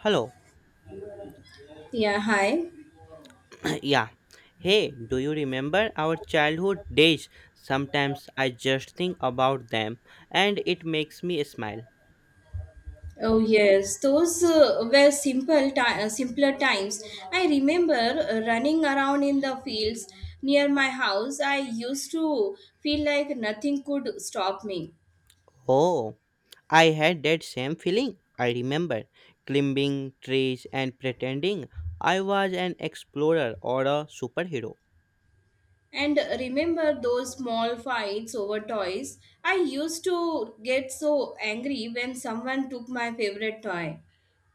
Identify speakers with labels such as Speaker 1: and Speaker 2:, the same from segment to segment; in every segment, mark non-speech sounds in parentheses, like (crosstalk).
Speaker 1: Hello.
Speaker 2: Yeah, hi.
Speaker 1: (clears throat) yeah. Hey, do you remember our childhood days? Sometimes I just think about them and it makes me smile.
Speaker 2: Oh yes, those were simple simpler times. I remember running around in the fields near my house. I used to feel like nothing could stop me.
Speaker 1: Oh, I had that same feeling. I remember climbing trees and pretending I was an explorer or a superhero.
Speaker 2: And remember those small fights over toys. I used to get so angry when someone took my favorite toy.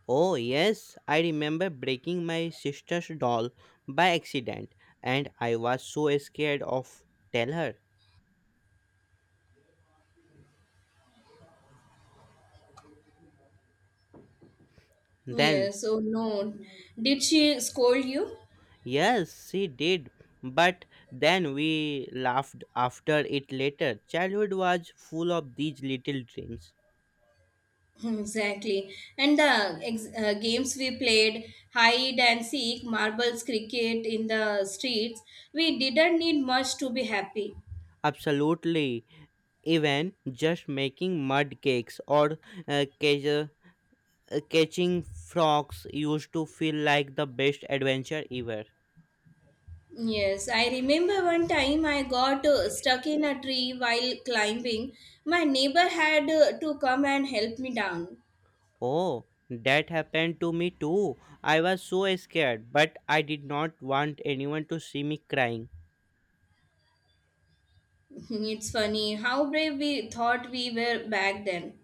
Speaker 1: Oh, yes, I remember breaking my sister's doll by accident and I was so scared of tell her. Then
Speaker 2: Yes, oh no. Did she scold you?
Speaker 1: yes, she did. But then we laughed after it later. Childhood was full of these little dreams.
Speaker 2: (laughs) Exactly. And the games we played, hide and seek, marbles, cricket in the streets, we didn't need much to be happy.
Speaker 1: Absolutely. Even just making mud cakes or uh, catch, uh, catching frogs used to feel like the best adventure ever.
Speaker 2: Yes, I remember one time I got stuck in a tree while climbing. My neighbor had to come and help me down.
Speaker 1: Oh, that happened to me too. I was so scared, but I did not want anyone to see me crying.
Speaker 2: (laughs) It's funny how brave we thought we were back then.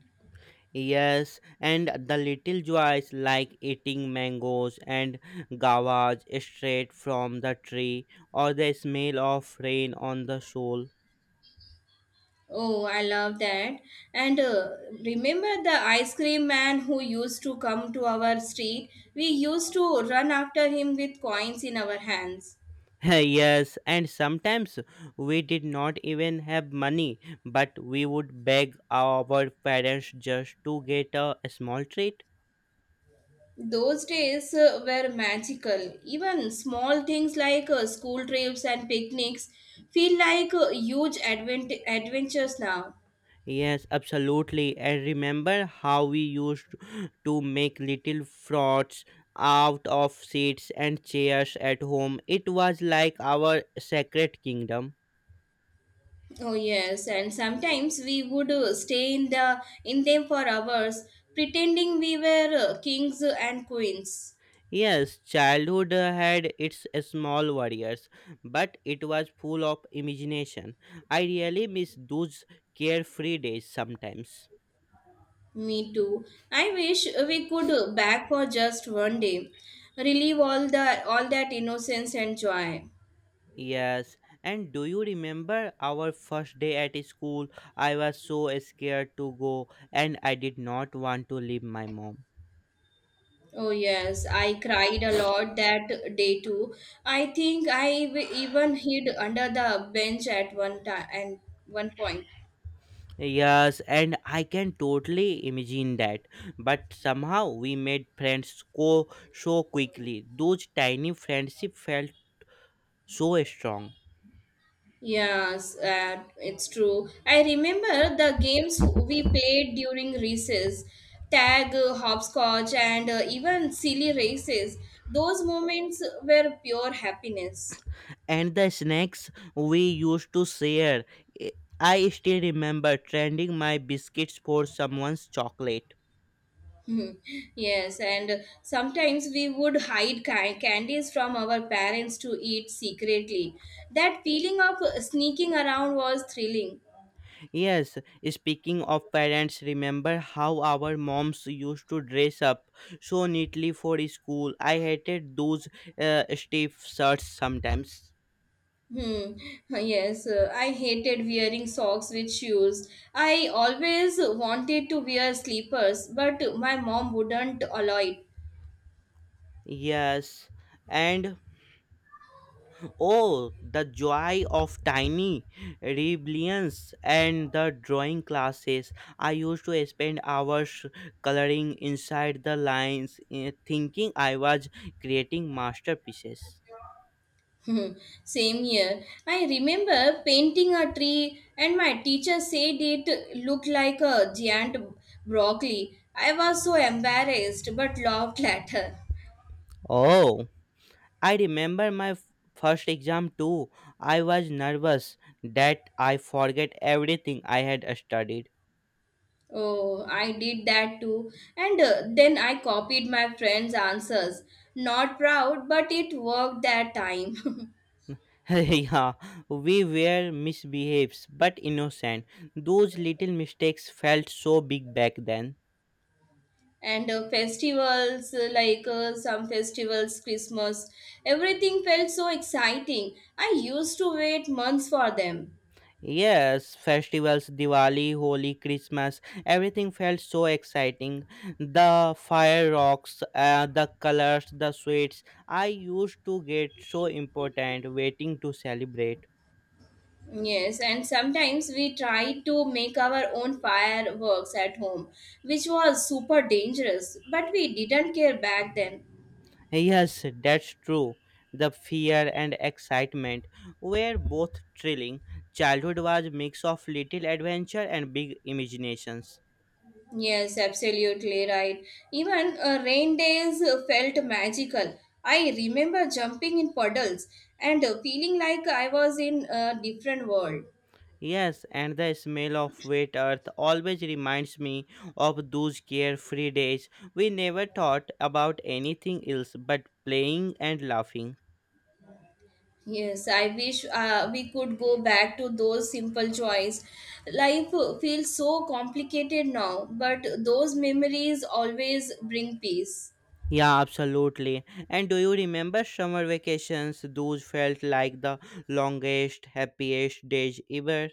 Speaker 1: Yes, and the little joys like eating mangoes and guavas straight from the tree, or the smell of rain on the soul.
Speaker 2: Oh, I love that. And remember the ice cream man who used to come to our street? We used to run after him with coins in our hands.
Speaker 1: (laughs) Yes, and sometimes we did not even have money, but we would beg our parents just to get a small treat.
Speaker 2: Those days were magical. Even small things like school trips and picnics feel like huge adventures now.
Speaker 1: Yes, absolutely. I remember how we used to make little frauds out of seats and chairs at home. It was like our sacred kingdom.
Speaker 2: Oh yes, and sometimes we would stay in them for hours, pretending we were kings and queens.
Speaker 1: Yes, childhood had its small warriors, but it was full of imagination. I really miss those carefree days sometimes.
Speaker 2: Me too. I wish we could back for just one day, relieve all that innocence and joy.
Speaker 1: Yes, and do you remember our first day at school? I was so scared to go and I did not want to leave my mom.
Speaker 2: Oh yes, I cried a lot that day too. I think I even hid under the bench at one time and one point.
Speaker 1: Yes, and I can totally imagine that. But somehow we made friends go so quickly. Those tiny friendship felt so strong.
Speaker 2: Yes, it's true. I remember the games we played during recess, tag, hopscotch, and even silly races. Those moments were pure happiness.
Speaker 1: And the snacks we used to share. I I still remember trading my biscuits for someone's chocolate.
Speaker 2: (laughs) Mhm. Yes, and sometimes we would hide candies from our parents to eat secretly. That feeling of sneaking around was thrilling.
Speaker 1: Yes, speaking of parents, remember how our moms used to dress up so neatly for school? I hated those stiff shirts sometimes.
Speaker 2: Hmm. (laughs) Yes, I hated wearing socks with shoes. I always wanted to wear slippers, but my mom wouldn't allow it.
Speaker 1: Yes, and oh, the joy of tiny rebellions and the drawing classes. I used to spend hours coloring inside the lines, thinking I was creating masterpieces.
Speaker 2: (laughs) Same here. I remember painting a tree, and my teacher said it looked like a giant broccoli. I was so embarrassed but laughed at her.
Speaker 1: Oh. I remember my first exam too. I was nervous that I forget everything I had studied.
Speaker 2: Oh, I did that too. And then I copied my friend's answers. Not proud, but it worked that time. (laughs)
Speaker 1: (laughs) Yeah, we were misbehaves but innocent. Those little mistakes felt so big back then.
Speaker 2: And festivals, like some festivals, Christmas, everything felt so exciting. I used to wait months for them.
Speaker 1: Yes, festivals, Diwali, Holi, Christmas, everything felt so exciting. The fireworks, the colors, the sweets. I used to get so important waiting to celebrate.
Speaker 2: Yes, and sometimes we tried to make our own fireworks at home, which was super dangerous, but we didn't care back then.
Speaker 1: Yes, that's true. The fear and excitement were both thrilling. Childhood was a mix of little adventure and big imaginations.
Speaker 2: Yes, absolutely right. Even rain days felt magical. I remember jumping in puddles and feeling like I was in a different world.
Speaker 1: Yes, and the smell of wet earth always reminds me of those carefree days. We never thought about anything else but playing and laughing.
Speaker 2: Yes, I wish we could go back to those simple joys. Life feels so complicated now, but those memories always bring peace.
Speaker 1: Yeah, absolutely. And do you remember summer vacations? Those felt like the longest, happiest days ever.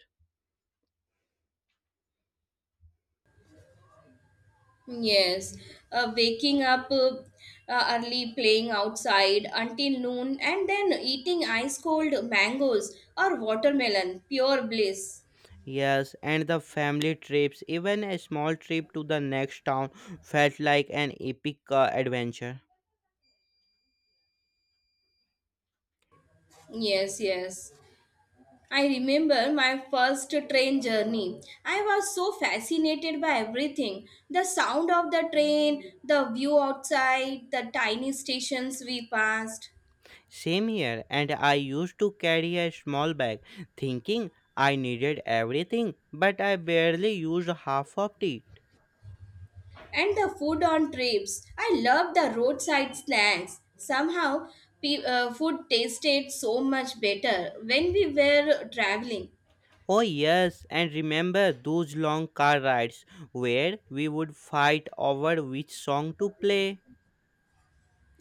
Speaker 2: Yes, waking up early, playing outside until noon, and then eating ice cold mangoes or watermelon, pure bliss.
Speaker 1: Yes, and the family trips, even a small trip to the next town, felt like an epic adventure.
Speaker 2: Yes, yes. I remember my first train journey. I was so fascinated by everything the sound of the train, the view outside, the tiny stations we passed,
Speaker 1: Same here, and I used to carry a small bag, thinking I needed everything, but I barely used half of it.
Speaker 2: and the food on trips. I loved the roadside snacks. Somehow, food tasted so much better when we were traveling.
Speaker 1: Oh, yes, and remember those long car rides where we would fight over which song to play,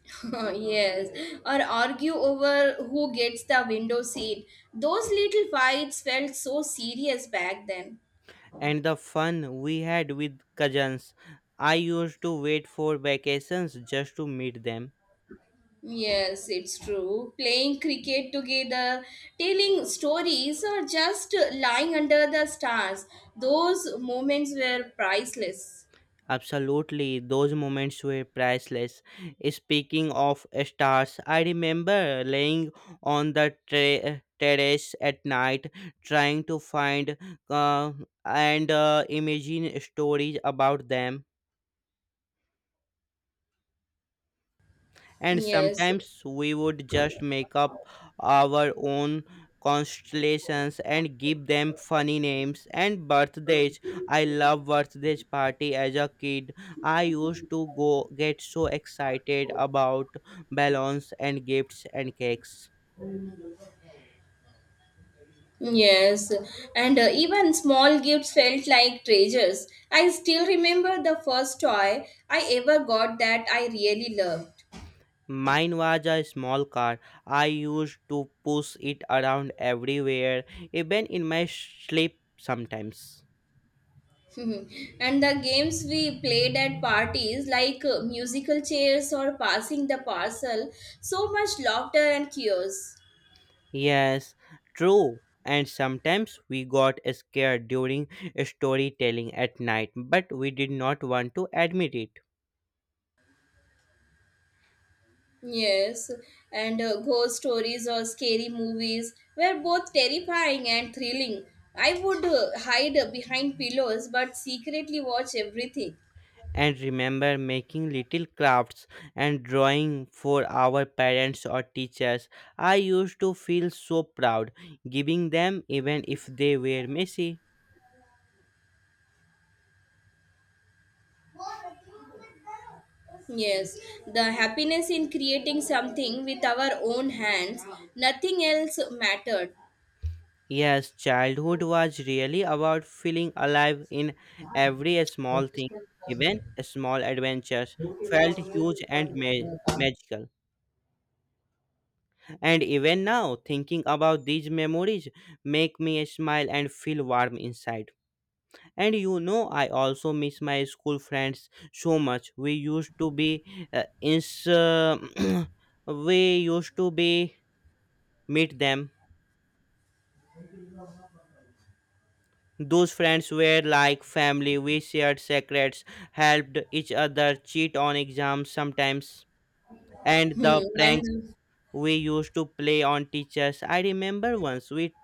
Speaker 2: (laughs) Yes, or argue over who gets the window seat. Those little fights felt so serious back then.
Speaker 1: and the fun we had with cousins. I used to wait for vacations just to meet them.
Speaker 2: Yes, it's true. Playing cricket together, telling stories, or just lying under the stars, those moments were priceless.
Speaker 1: Absolutely, those moments were priceless. Speaking of stars, I remember laying on the terrace at night trying to find uh, and imagine stories about them. And
Speaker 2: Yes,
Speaker 1: sometimes we would just make up our own constellations and give them funny names and birthdays. I love birthdays party as a kid. I used to go get so excited about balloons and gifts and cakes.
Speaker 2: yes. And even small gifts felt like treasures. I still remember the first toy I ever got that I really loved.
Speaker 1: Mine was a small car. I used to push it around everywhere, even in my sleep sometimes.
Speaker 2: (laughs) And the games we played at parties, like musical chairs or passing the parcel, so much laughter and chaos.
Speaker 1: Yes, true. And sometimes we got scared during storytelling at night, but we did not want to admit it.
Speaker 2: Yes, and ghost stories or scary movies were both terrifying and thrilling. I would hide behind pillows but secretly watch everything.
Speaker 1: And remember making little crafts and drawing for our parents or teachers. I used to feel so proud giving them, even if they were messy.
Speaker 2: Yes, the happiness in creating something with our own hands, nothing else mattered.
Speaker 1: Yes, childhood was really about feeling alive in every small thing, even small adventures felt huge and magical. And even now, thinking about these memories make me smile and feel warm inside. And you know, I also miss my school friends so much. We used to be ins- (clears throat) we used to be meet them. Those friends were like family. We shared secrets, helped each other cheat on exams sometimes, and the
Speaker 2: Hmm.
Speaker 1: pranks
Speaker 2: And
Speaker 1: we used to play on teachers. I remember once we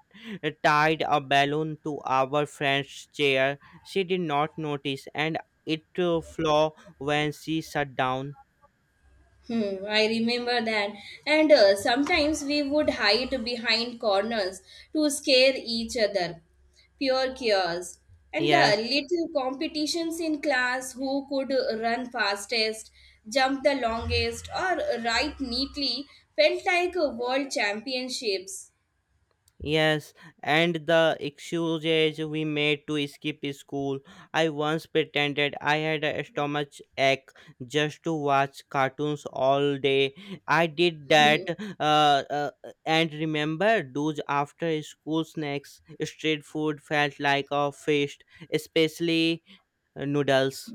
Speaker 1: tied a balloon to our friend's chair. She did not notice and it flew when she sat down.
Speaker 2: I remember that. And sometimes we would hide behind corners to scare each other. Pure chaos. And the
Speaker 1: Yes,
Speaker 2: little competitions in class who could run fastest, jump the longest, or write neatly felt like world championships.
Speaker 1: yes, and the excuses we made to skip school. I once pretended I had a stomach ache just to watch cartoons all day. I did that uh, uh, and remember those after school snacks. Street food felt like a feast, especially noodles.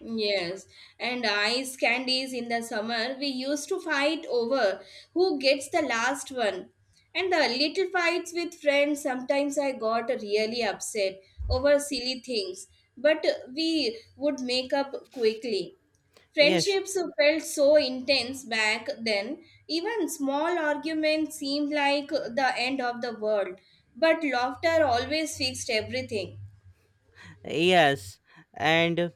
Speaker 2: Yes, and ice candies in the summer we used to fight over who gets the last one. And the little fights with friends, sometimes I got really upset over silly things, but we would make up quickly.
Speaker 1: Yes,
Speaker 2: Friendships felt so intense back then, even small arguments seemed like the end of the world, but laughter always fixed everything.
Speaker 1: yes, and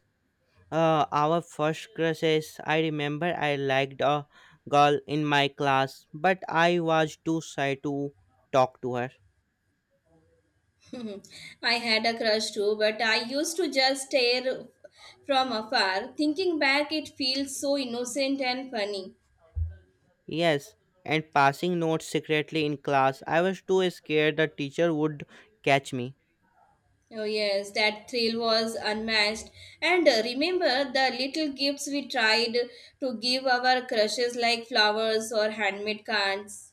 Speaker 1: Our first crush is I remember I liked a girl in my class, but I was too shy to talk to her.
Speaker 2: (laughs) I had a crush too, but I used to just stare from afar. Thinking back, it feels so innocent and funny.
Speaker 1: Yes, and passing notes secretly in class, I was too scared the teacher would catch me.
Speaker 2: Oh, yes, that thrill was unmatched. And remember the little gifts we tried to give our crushes, like flowers or handmade cards.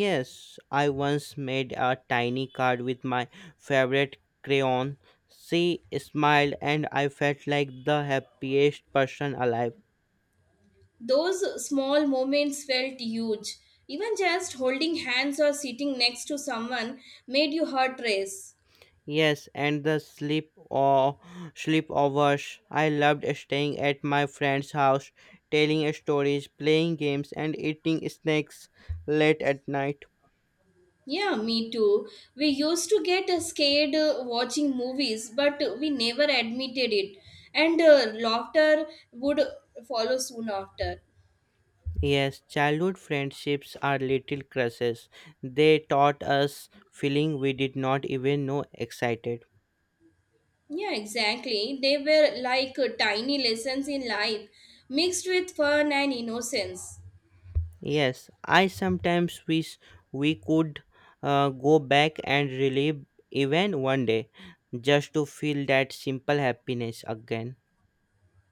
Speaker 1: Yes, I once made a tiny card with my favorite crayon. She smiled, and I felt like the happiest person alive.
Speaker 2: Those small moments felt huge. Even just holding hands or sitting next to someone made your heart race.
Speaker 1: Yes, and the sleepovers. I loved staying at my friend's house, telling stories, playing games, and eating snacks late at night.
Speaker 2: Yeah, me too. We used to get scared watching movies, but we never admitted it. And laughter would follow soon after.
Speaker 1: Yes, childhood friendships are little crushes. They taught us feeling we did not even know excited.
Speaker 2: Yeah, exactly. They were like tiny lessons in life, mixed with fun and innocence.
Speaker 1: Yes, I sometimes wish we could go back and relive even one day just to feel that simple happiness again.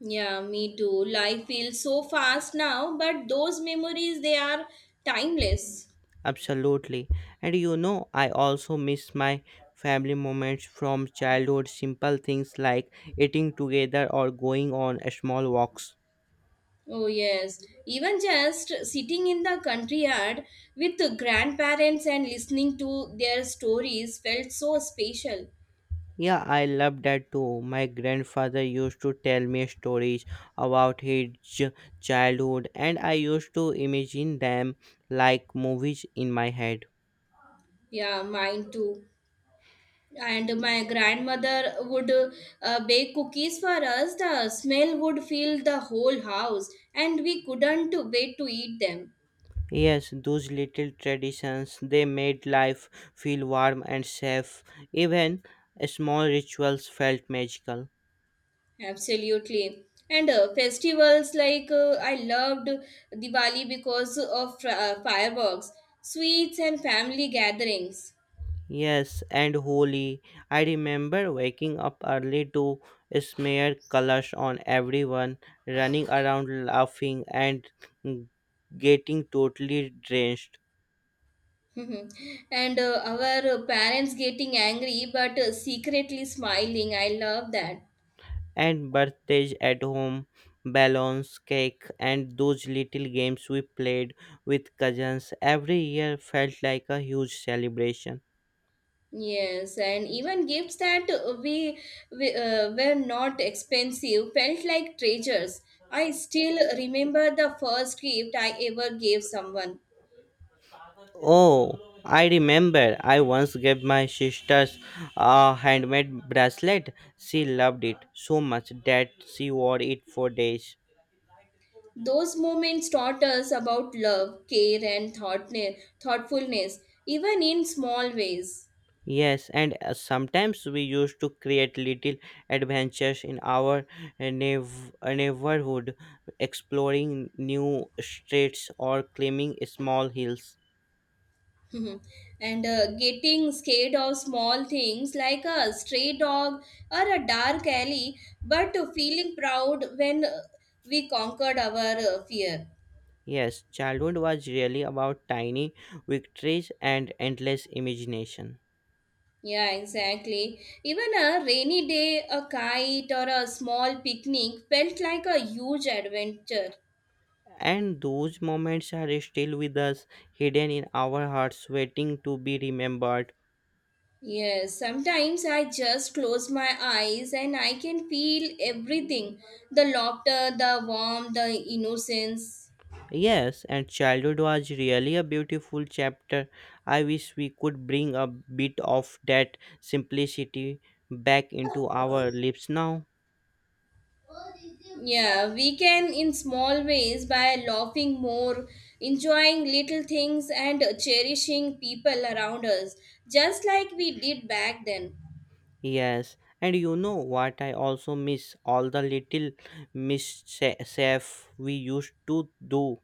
Speaker 2: Yeah, me too. Life feels so fast now, but those memories, they are timeless.
Speaker 1: Absolutely. And you know, I also miss my family moments from childhood, simple things like eating together or going on small walks.
Speaker 2: Oh, yes. Even just sitting in the country yard with the grandparents and listening to their stories felt so special.
Speaker 1: Yeah, I love that too. My grandfather used to tell me stories about his childhood, and I used to imagine them like movies in my head.
Speaker 2: Yeah, mine too. And my grandmother would bake cookies for us. The smell would fill the whole house, and we couldn't wait to eat them.
Speaker 1: Yes, those little traditions they made life feel warm and safe. Even small rituals felt magical.
Speaker 2: Absolutely. And festivals like I loved Diwali because of fireworks, sweets, and family gatherings.
Speaker 1: Yes, and holy. I remember waking up early to smear colors on everyone, running around laughing and getting totally drenched.
Speaker 2: (laughs) Mhm. And our parents getting angry but secretly smiling. I love that.
Speaker 1: And birthdays at home, balloons, cake, and those little games we played with cousins every year felt like a huge celebration.
Speaker 2: Yes, and even gifts that we were not expensive felt like treasures. I still remember the first gift I ever gave someone.
Speaker 1: Oh, I remember. I once gave my sisters a handmade bracelet. She loved it so much that she wore it for days.
Speaker 2: Those moments taught us about love, care, and thoughtfulness, even in small ways.
Speaker 1: Yes, and sometimes we used to create little adventures in our uh, neigh- neighborhood, exploring new streets or climbing small hills.
Speaker 2: Mhm. And getting scared of small things like a stray dog or a dark alley, but feeling proud when we conquered our fear.
Speaker 1: Yes, childhood was really about tiny victories and endless imagination.
Speaker 2: Yeah, exactly. Even a rainy day, a kite, or a small picnic felt like a huge adventure.
Speaker 1: And those moments are still with us, hidden in our hearts, waiting to be remembered.
Speaker 2: Yes, sometimes I just close my eyes and I can feel everything the laughter, the warmth, the innocence.
Speaker 1: Yes, and childhood was really a beautiful chapter. I wish we could bring a bit of that simplicity back into our lives now.
Speaker 2: Yeah, we can in small ways by laughing more, enjoying little things, and cherishing people around us, just like we did back then. (laughs)
Speaker 1: Yes, and you know what I also miss? All the little mischief we used to do.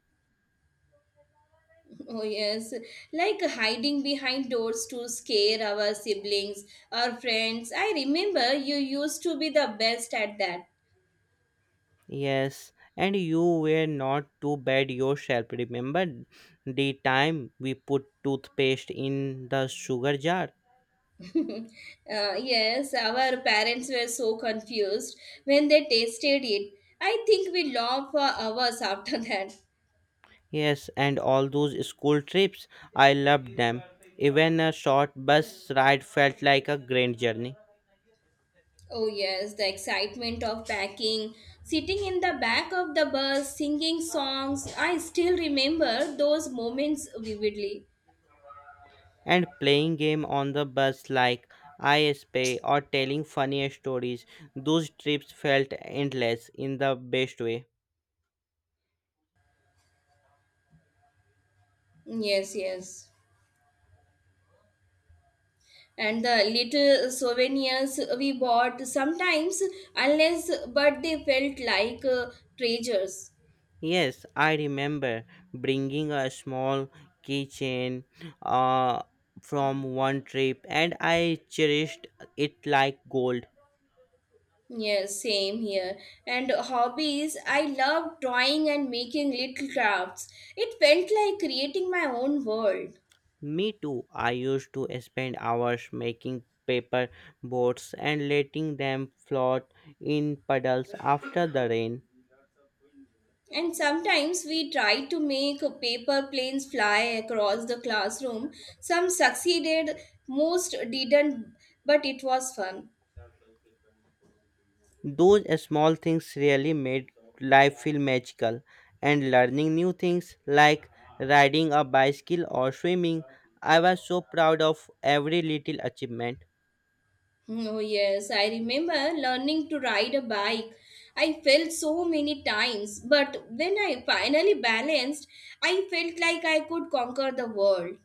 Speaker 2: Oh, yes, like hiding behind doors to scare our siblings or friends. I remember you used to be the best at that.
Speaker 1: Yes, and you were not too bad yourself. Remember the time we put toothpaste in the sugar jar?
Speaker 2: (laughs) Yes, our parents were so confused when they tasted it. I think we laughed for hours (laughs) after that.
Speaker 1: Yes, and all those school trips. I loved them. Even a short bus ride felt like a grand journey.
Speaker 2: Oh, yes, the excitement of packing, sitting in the back of the bus, singing songs. I still remember those moments vividly.
Speaker 1: And playing game on the bus like ISP or telling funny stories, those trips felt endless in the best way.
Speaker 2: Yes, yes. And the little souvenirs we bought sometimes, unless but they felt like treasures.
Speaker 1: Yes, I remember bringing a small keychain uh, from one trip and I cherished it like gold.
Speaker 2: Yes, same here. And hobbies, I love drawing and making little crafts. It felt like creating my own world.
Speaker 1: Me too, I used to spend hours making paper boats and letting them float in puddles after the rain.
Speaker 2: And sometimes we try to make paper planes fly across the classroom. Some succeeded, most didn't, but it was fun.
Speaker 1: Those small things really made life feel magical, and learning new things like riding a bicycle or swimming, I was so proud of every little achievement.
Speaker 2: Oh, yes, I remember learning to ride a bike. I fell so many times, but when I finally balanced, I felt like I could conquer the world.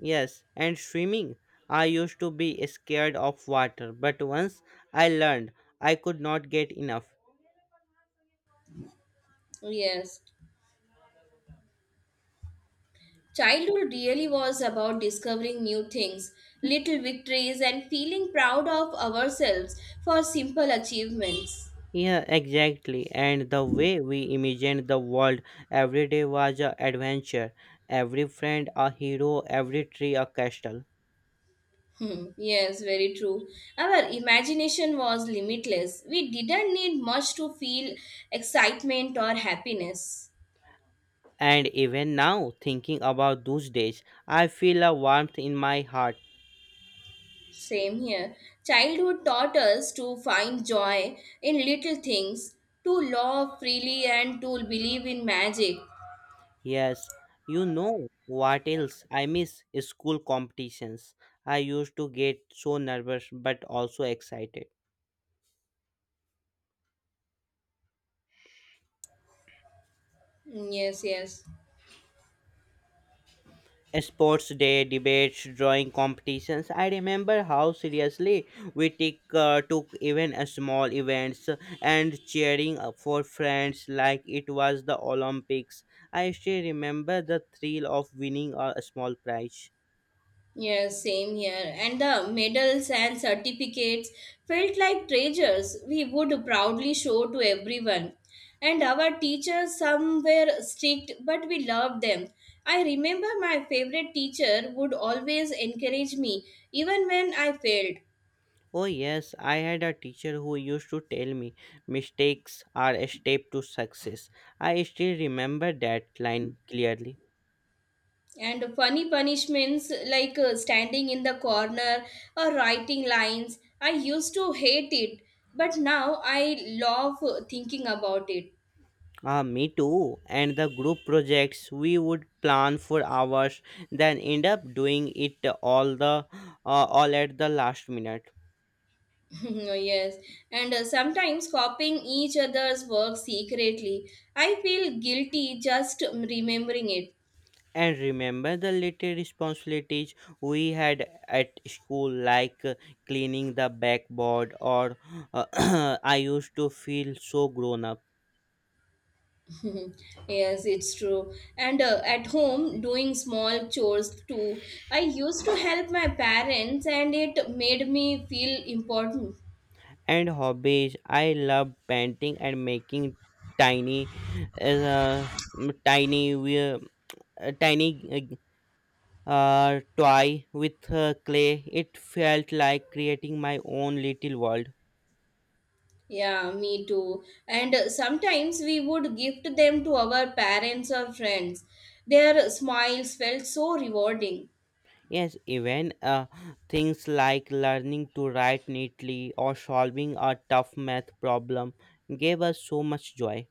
Speaker 1: Yes, and swimming. I used to be scared of water, but once I learned, I could not get enough.
Speaker 2: Oh, yes, childhood really was about discovering new things, little victories, and feeling proud of ourselves for simple achievements.
Speaker 1: Yeah, exactly. And the way we imagined the world every day was an adventure. Every friend a hero, every tree a castle.
Speaker 2: Hmm, yes, very true. Our imagination was limitless. We didn't need much to feel excitement or happiness.
Speaker 1: And even now, thinking about those days, I feel a warmth in my heart.
Speaker 2: Same here. Childhood taught us to find joy in little things, to love freely, and to believe in magic.
Speaker 1: Yes, you know what else? I miss school competitions. I used to get so nervous but also excited.
Speaker 2: Hmm, yes, yes.
Speaker 1: Sports day, debates, drawing competitions. I remember how seriously we took even a small events and cheering up for friends like it was the Olympics. I still remember the thrill of winning a small prize.
Speaker 2: Yeah, same here. And the medals and certificates felt like treasures we would proudly show to everyone. And our teachers, some were strict, but we loved them. I remember my favorite teacher would always encourage me, even when I failed.
Speaker 1: Oh, yes, I had a teacher who used to tell me mistakes are a step to success. I still remember that line clearly.
Speaker 2: And funny punishments like standing in the corner or writing lines, I used to hate it, but now I love thinking about it.
Speaker 1: Ah, me too. And the group projects we would plan for hours, then end up doing it all at the last minute.
Speaker 2: (laughs) Yes, and sometimes copying each other's work secretly. I feel guilty just remembering it.
Speaker 1: And remember the little responsibilities we had at school, like cleaning the backboard, or (clears throat) I used to feel so grown up.
Speaker 2: (laughs) Yes, it's true. And at home, doing small chores too. I used to help my parents, and it made me feel important.
Speaker 1: And hobbies. I love painting and making tiny, uh, mm, tiny, wheel- tiny uh, toy with clay. It felt like creating my own little world.
Speaker 2: Yeah, me too. And sometimes we would gift them to our parents or friends. Their smiles felt so rewarding.
Speaker 1: Yes, even things like learning to write neatly or solving a tough math problem gave us so much joy.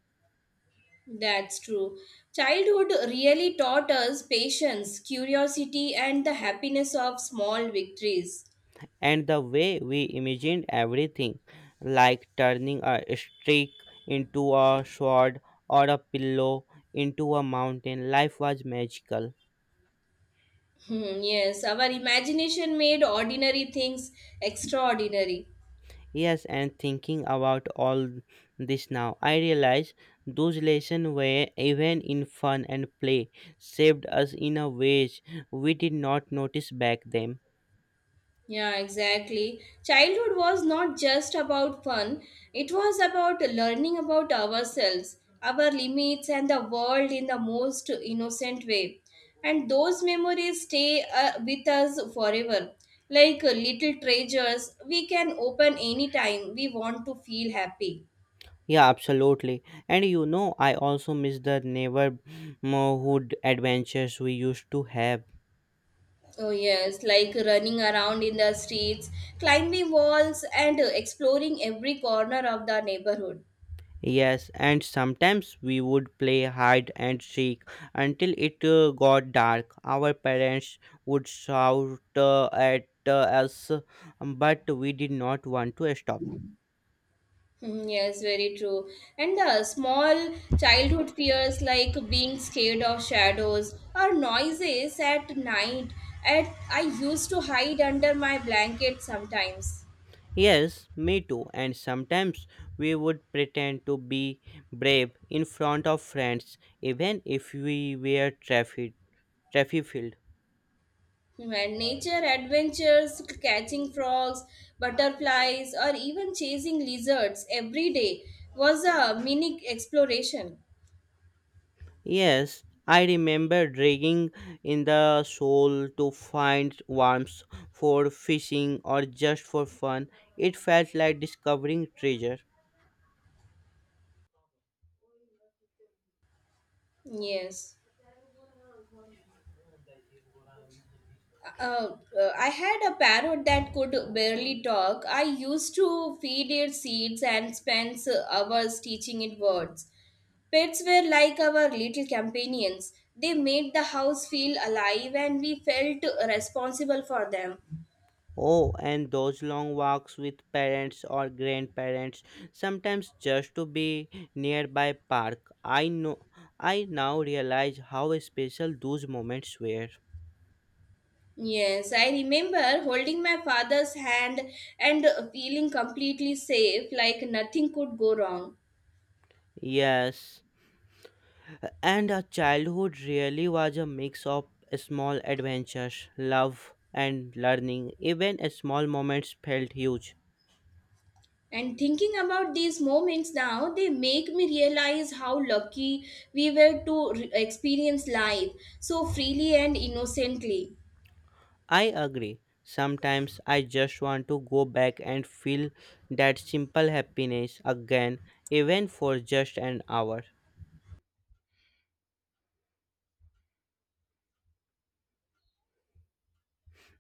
Speaker 2: That's true. Childhood really taught us patience, curiosity, and the happiness of small victories.
Speaker 1: And the way we imagined everything, like turning a stick into a sword or a pillow into a mountain, life was magical.
Speaker 2: Hmm, yes, our imagination made ordinary things extraordinary.
Speaker 1: Yes, and thinking about all this now, I realize those lessons were, even in fun and play, saved us in a ways we did not notice back then.
Speaker 2: Yeah, exactly. Childhood was not just about fun, it was about learning about ourselves, our limits, and the world in the most innocent way. And those memories stay with us forever. Like little treasures, we can open anytime we want to feel happy.
Speaker 1: Yeah, absolutely. I also miss the neighborhood adventures we used to have.
Speaker 2: Oh, yes, like running around in the streets, climbing walls, and exploring every corner of the neighborhood.
Speaker 1: Yes, and sometimes we would play hide and seek until it got dark. Our parents would shout at us, but we did not want to stop.
Speaker 2: Mm, yes, very true. And the small childhood fears like being scared of shadows or noises at night. At I used to hide under my blanket sometimes.
Speaker 1: Yes, me too. And sometimes we would pretend to be brave in front of friends, even if we were traffic filled.
Speaker 2: And nature adventures, catching frogs, butterflies, or even chasing lizards every day was a mini exploration.
Speaker 1: Yes, I remember dragging in the shoal to find worms for fishing or just for fun. It felt like discovering treasure.
Speaker 2: Yes. Uh, I had a parrot that could barely talk. I used to feed it seeds and spend hours teaching it words. Pets were like our little companions. They made the house feel alive and we felt responsible for them.
Speaker 1: Oh, and those long walks with parents or grandparents, sometimes just to be nearby park. I know I now realize how special those moments were.
Speaker 2: Yes, I remember holding my father's hand and feeling completely safe, like nothing could go wrong.
Speaker 1: Yes. And our childhood really was a mix of small adventures, love, and learning. Even small moments felt huge.
Speaker 2: And thinking about these moments now, they make me realize how lucky we were to experience life so freely and innocently.
Speaker 1: I agree. Sometimes I just want to go back and feel that simple happiness again, even for just an hour.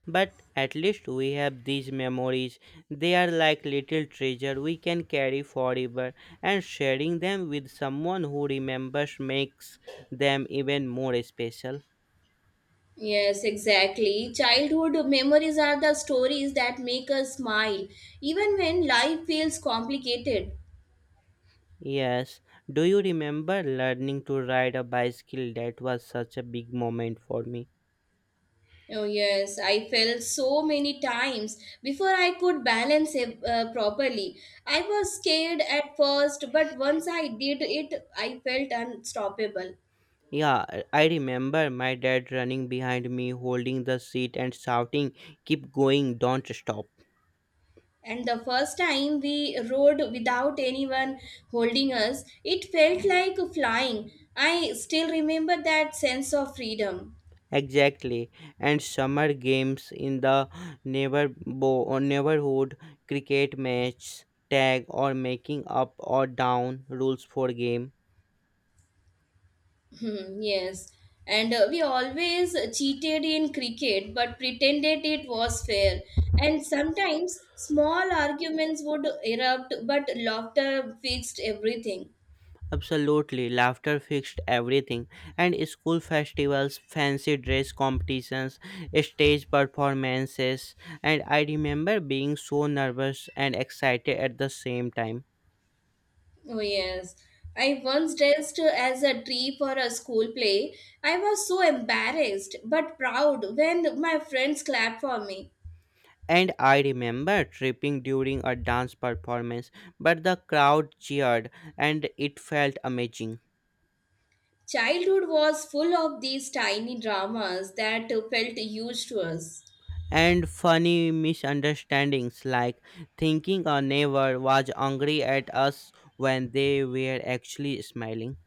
Speaker 1: But at least we have these memories. They are like little treasure we can carry forever, and sharing them with someone who remembers makes them even more special.
Speaker 2: Yes, exactly. Childhood memories are the stories that make us smile, even when life feels complicated.
Speaker 1: Yes. Do you remember learning to ride a bicycle? That was such a big moment for me.
Speaker 2: Oh, yes, I fell so many times before I could balance it properly. I was scared at first, but once I did it, I felt unstoppable.
Speaker 1: Yeah, I remember my dad running behind me, holding the seat and shouting, "Keep going, don't stop."
Speaker 2: And the first time we rode without anyone holding us, it felt like flying. I still remember that sense of freedom.
Speaker 1: Exactly. And summer games in the or neighborhood, cricket match, tag, or making up or down rules for game.
Speaker 2: Hmm, yes. And we always cheated in cricket but pretended it was fair. And sometimes small arguments would erupt, but laughter fixed everything.
Speaker 1: Absolutely, laughter fixed everything, and school festivals, fancy dress competitions, stage performances, and I remember being so nervous and excited at the same time.
Speaker 2: Oh, yes. I once dressed as a tree for a school play. I was so embarrassed but proud when my friends clapped for me.
Speaker 1: And I remember tripping during a dance performance, but the crowd cheered and it felt amazing.
Speaker 2: Childhood was full of these tiny dramas that felt huge to us.
Speaker 1: And funny misunderstandings like thinking a neighbor was angry at us when they were actually smiling.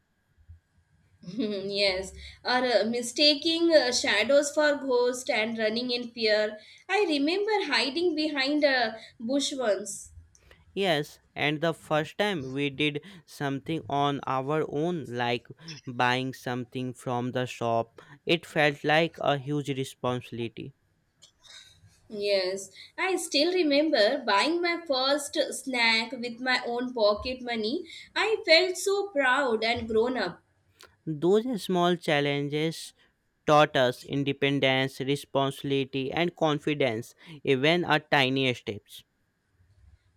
Speaker 2: (laughs) Yes, or mistaking shadows for ghosts and running in fear. I remember hiding behind a bush once.
Speaker 1: Yes, and the first time we did something on our own, like buying something from the shop, it felt like a huge responsibility.
Speaker 2: Yes, I still remember buying my first snack with my own pocket money. I felt so proud and grown up.
Speaker 1: Those small challenges taught us independence, responsibility, and confidence, even at tiny steps.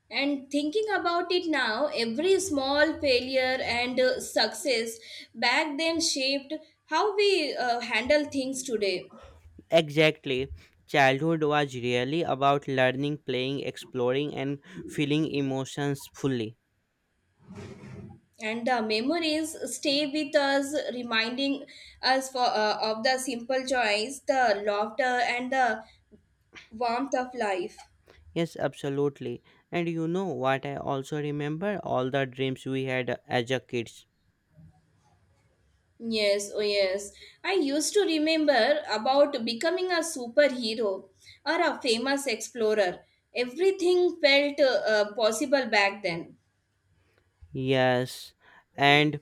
Speaker 2: And thinking about it now, every small failure and success back then shaped how we handle things today.
Speaker 1: Exactly. Childhood was really about learning, playing, exploring, and feeling emotions fully.
Speaker 2: And the memories stay with us, reminding us of the simple joys, the laughter, and the warmth of life.
Speaker 1: Yes, absolutely. And you know what? I also remember all the dreams we had as a kids.
Speaker 2: Yes, oh yes. I used to remember about becoming a superhero or a famous explorer. Everything felt possible back then.
Speaker 1: Yes, and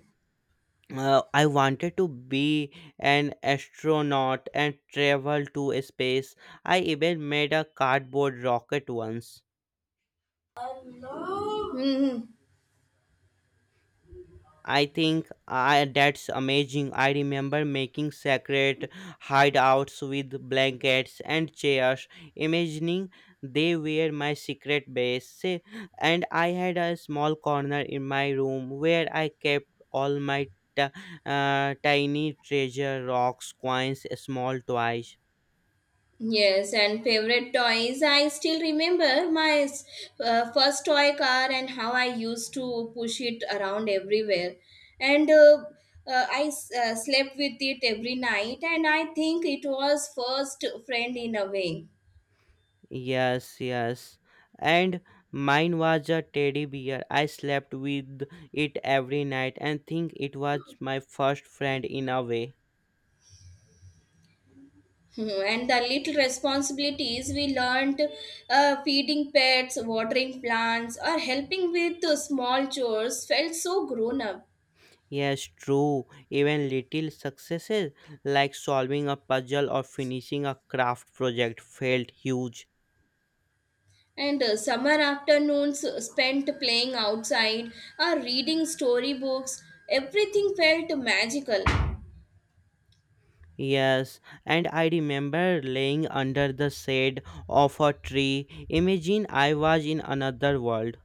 Speaker 1: I wanted to be an astronaut and travel to space. I even made a cardboard rocket once.
Speaker 2: Hmm.
Speaker 1: That's amazing. I remember making secret hideouts with blankets and chairs, imagining they were my secret base. And I had a small corner in my room where I kept all my t- tiny treasure rocks, coins, small toys.
Speaker 2: Yes, and favorite toys. I still remember my first toy car and how I used to push it around everywhere. And I slept with it every night, and I think it was first friend in a way.
Speaker 1: Yes, yes. And mine was a teddy bear. I slept with it every night and think it was my first friend in a way.
Speaker 2: Mhm. And the little responsibilities we learned feeding pets, watering plants, or helping with small chores felt so grown up.
Speaker 1: Yes, true. Even little successes like solving a puzzle or finishing a craft project felt huge.
Speaker 2: And summer afternoons spent playing outside or reading storybooks, everything felt magical.
Speaker 1: Yes, and I remember laying under the shade of a tree. Imagine I was in another world.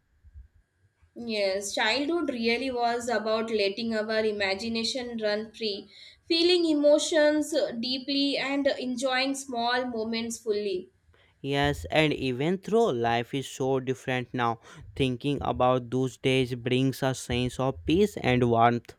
Speaker 2: Yes, childhood really was about letting our imagination run free, feeling emotions deeply, and enjoying small moments fully.
Speaker 1: Yes, and even though life is so different now, thinking about those days brings a sense of peace and warmth.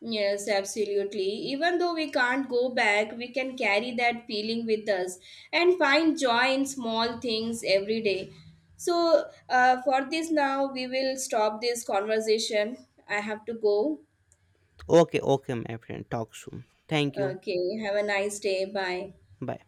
Speaker 2: Yes, absolutely. Even though we can't go back, we can carry that feeling with us and find joy in small things every day. So, for this now, we will stop this conversation. I have to go.
Speaker 1: Okay, okay, my friend. Talk soon. Thank you.
Speaker 2: Okay, have a nice day. Bye.
Speaker 1: Bye.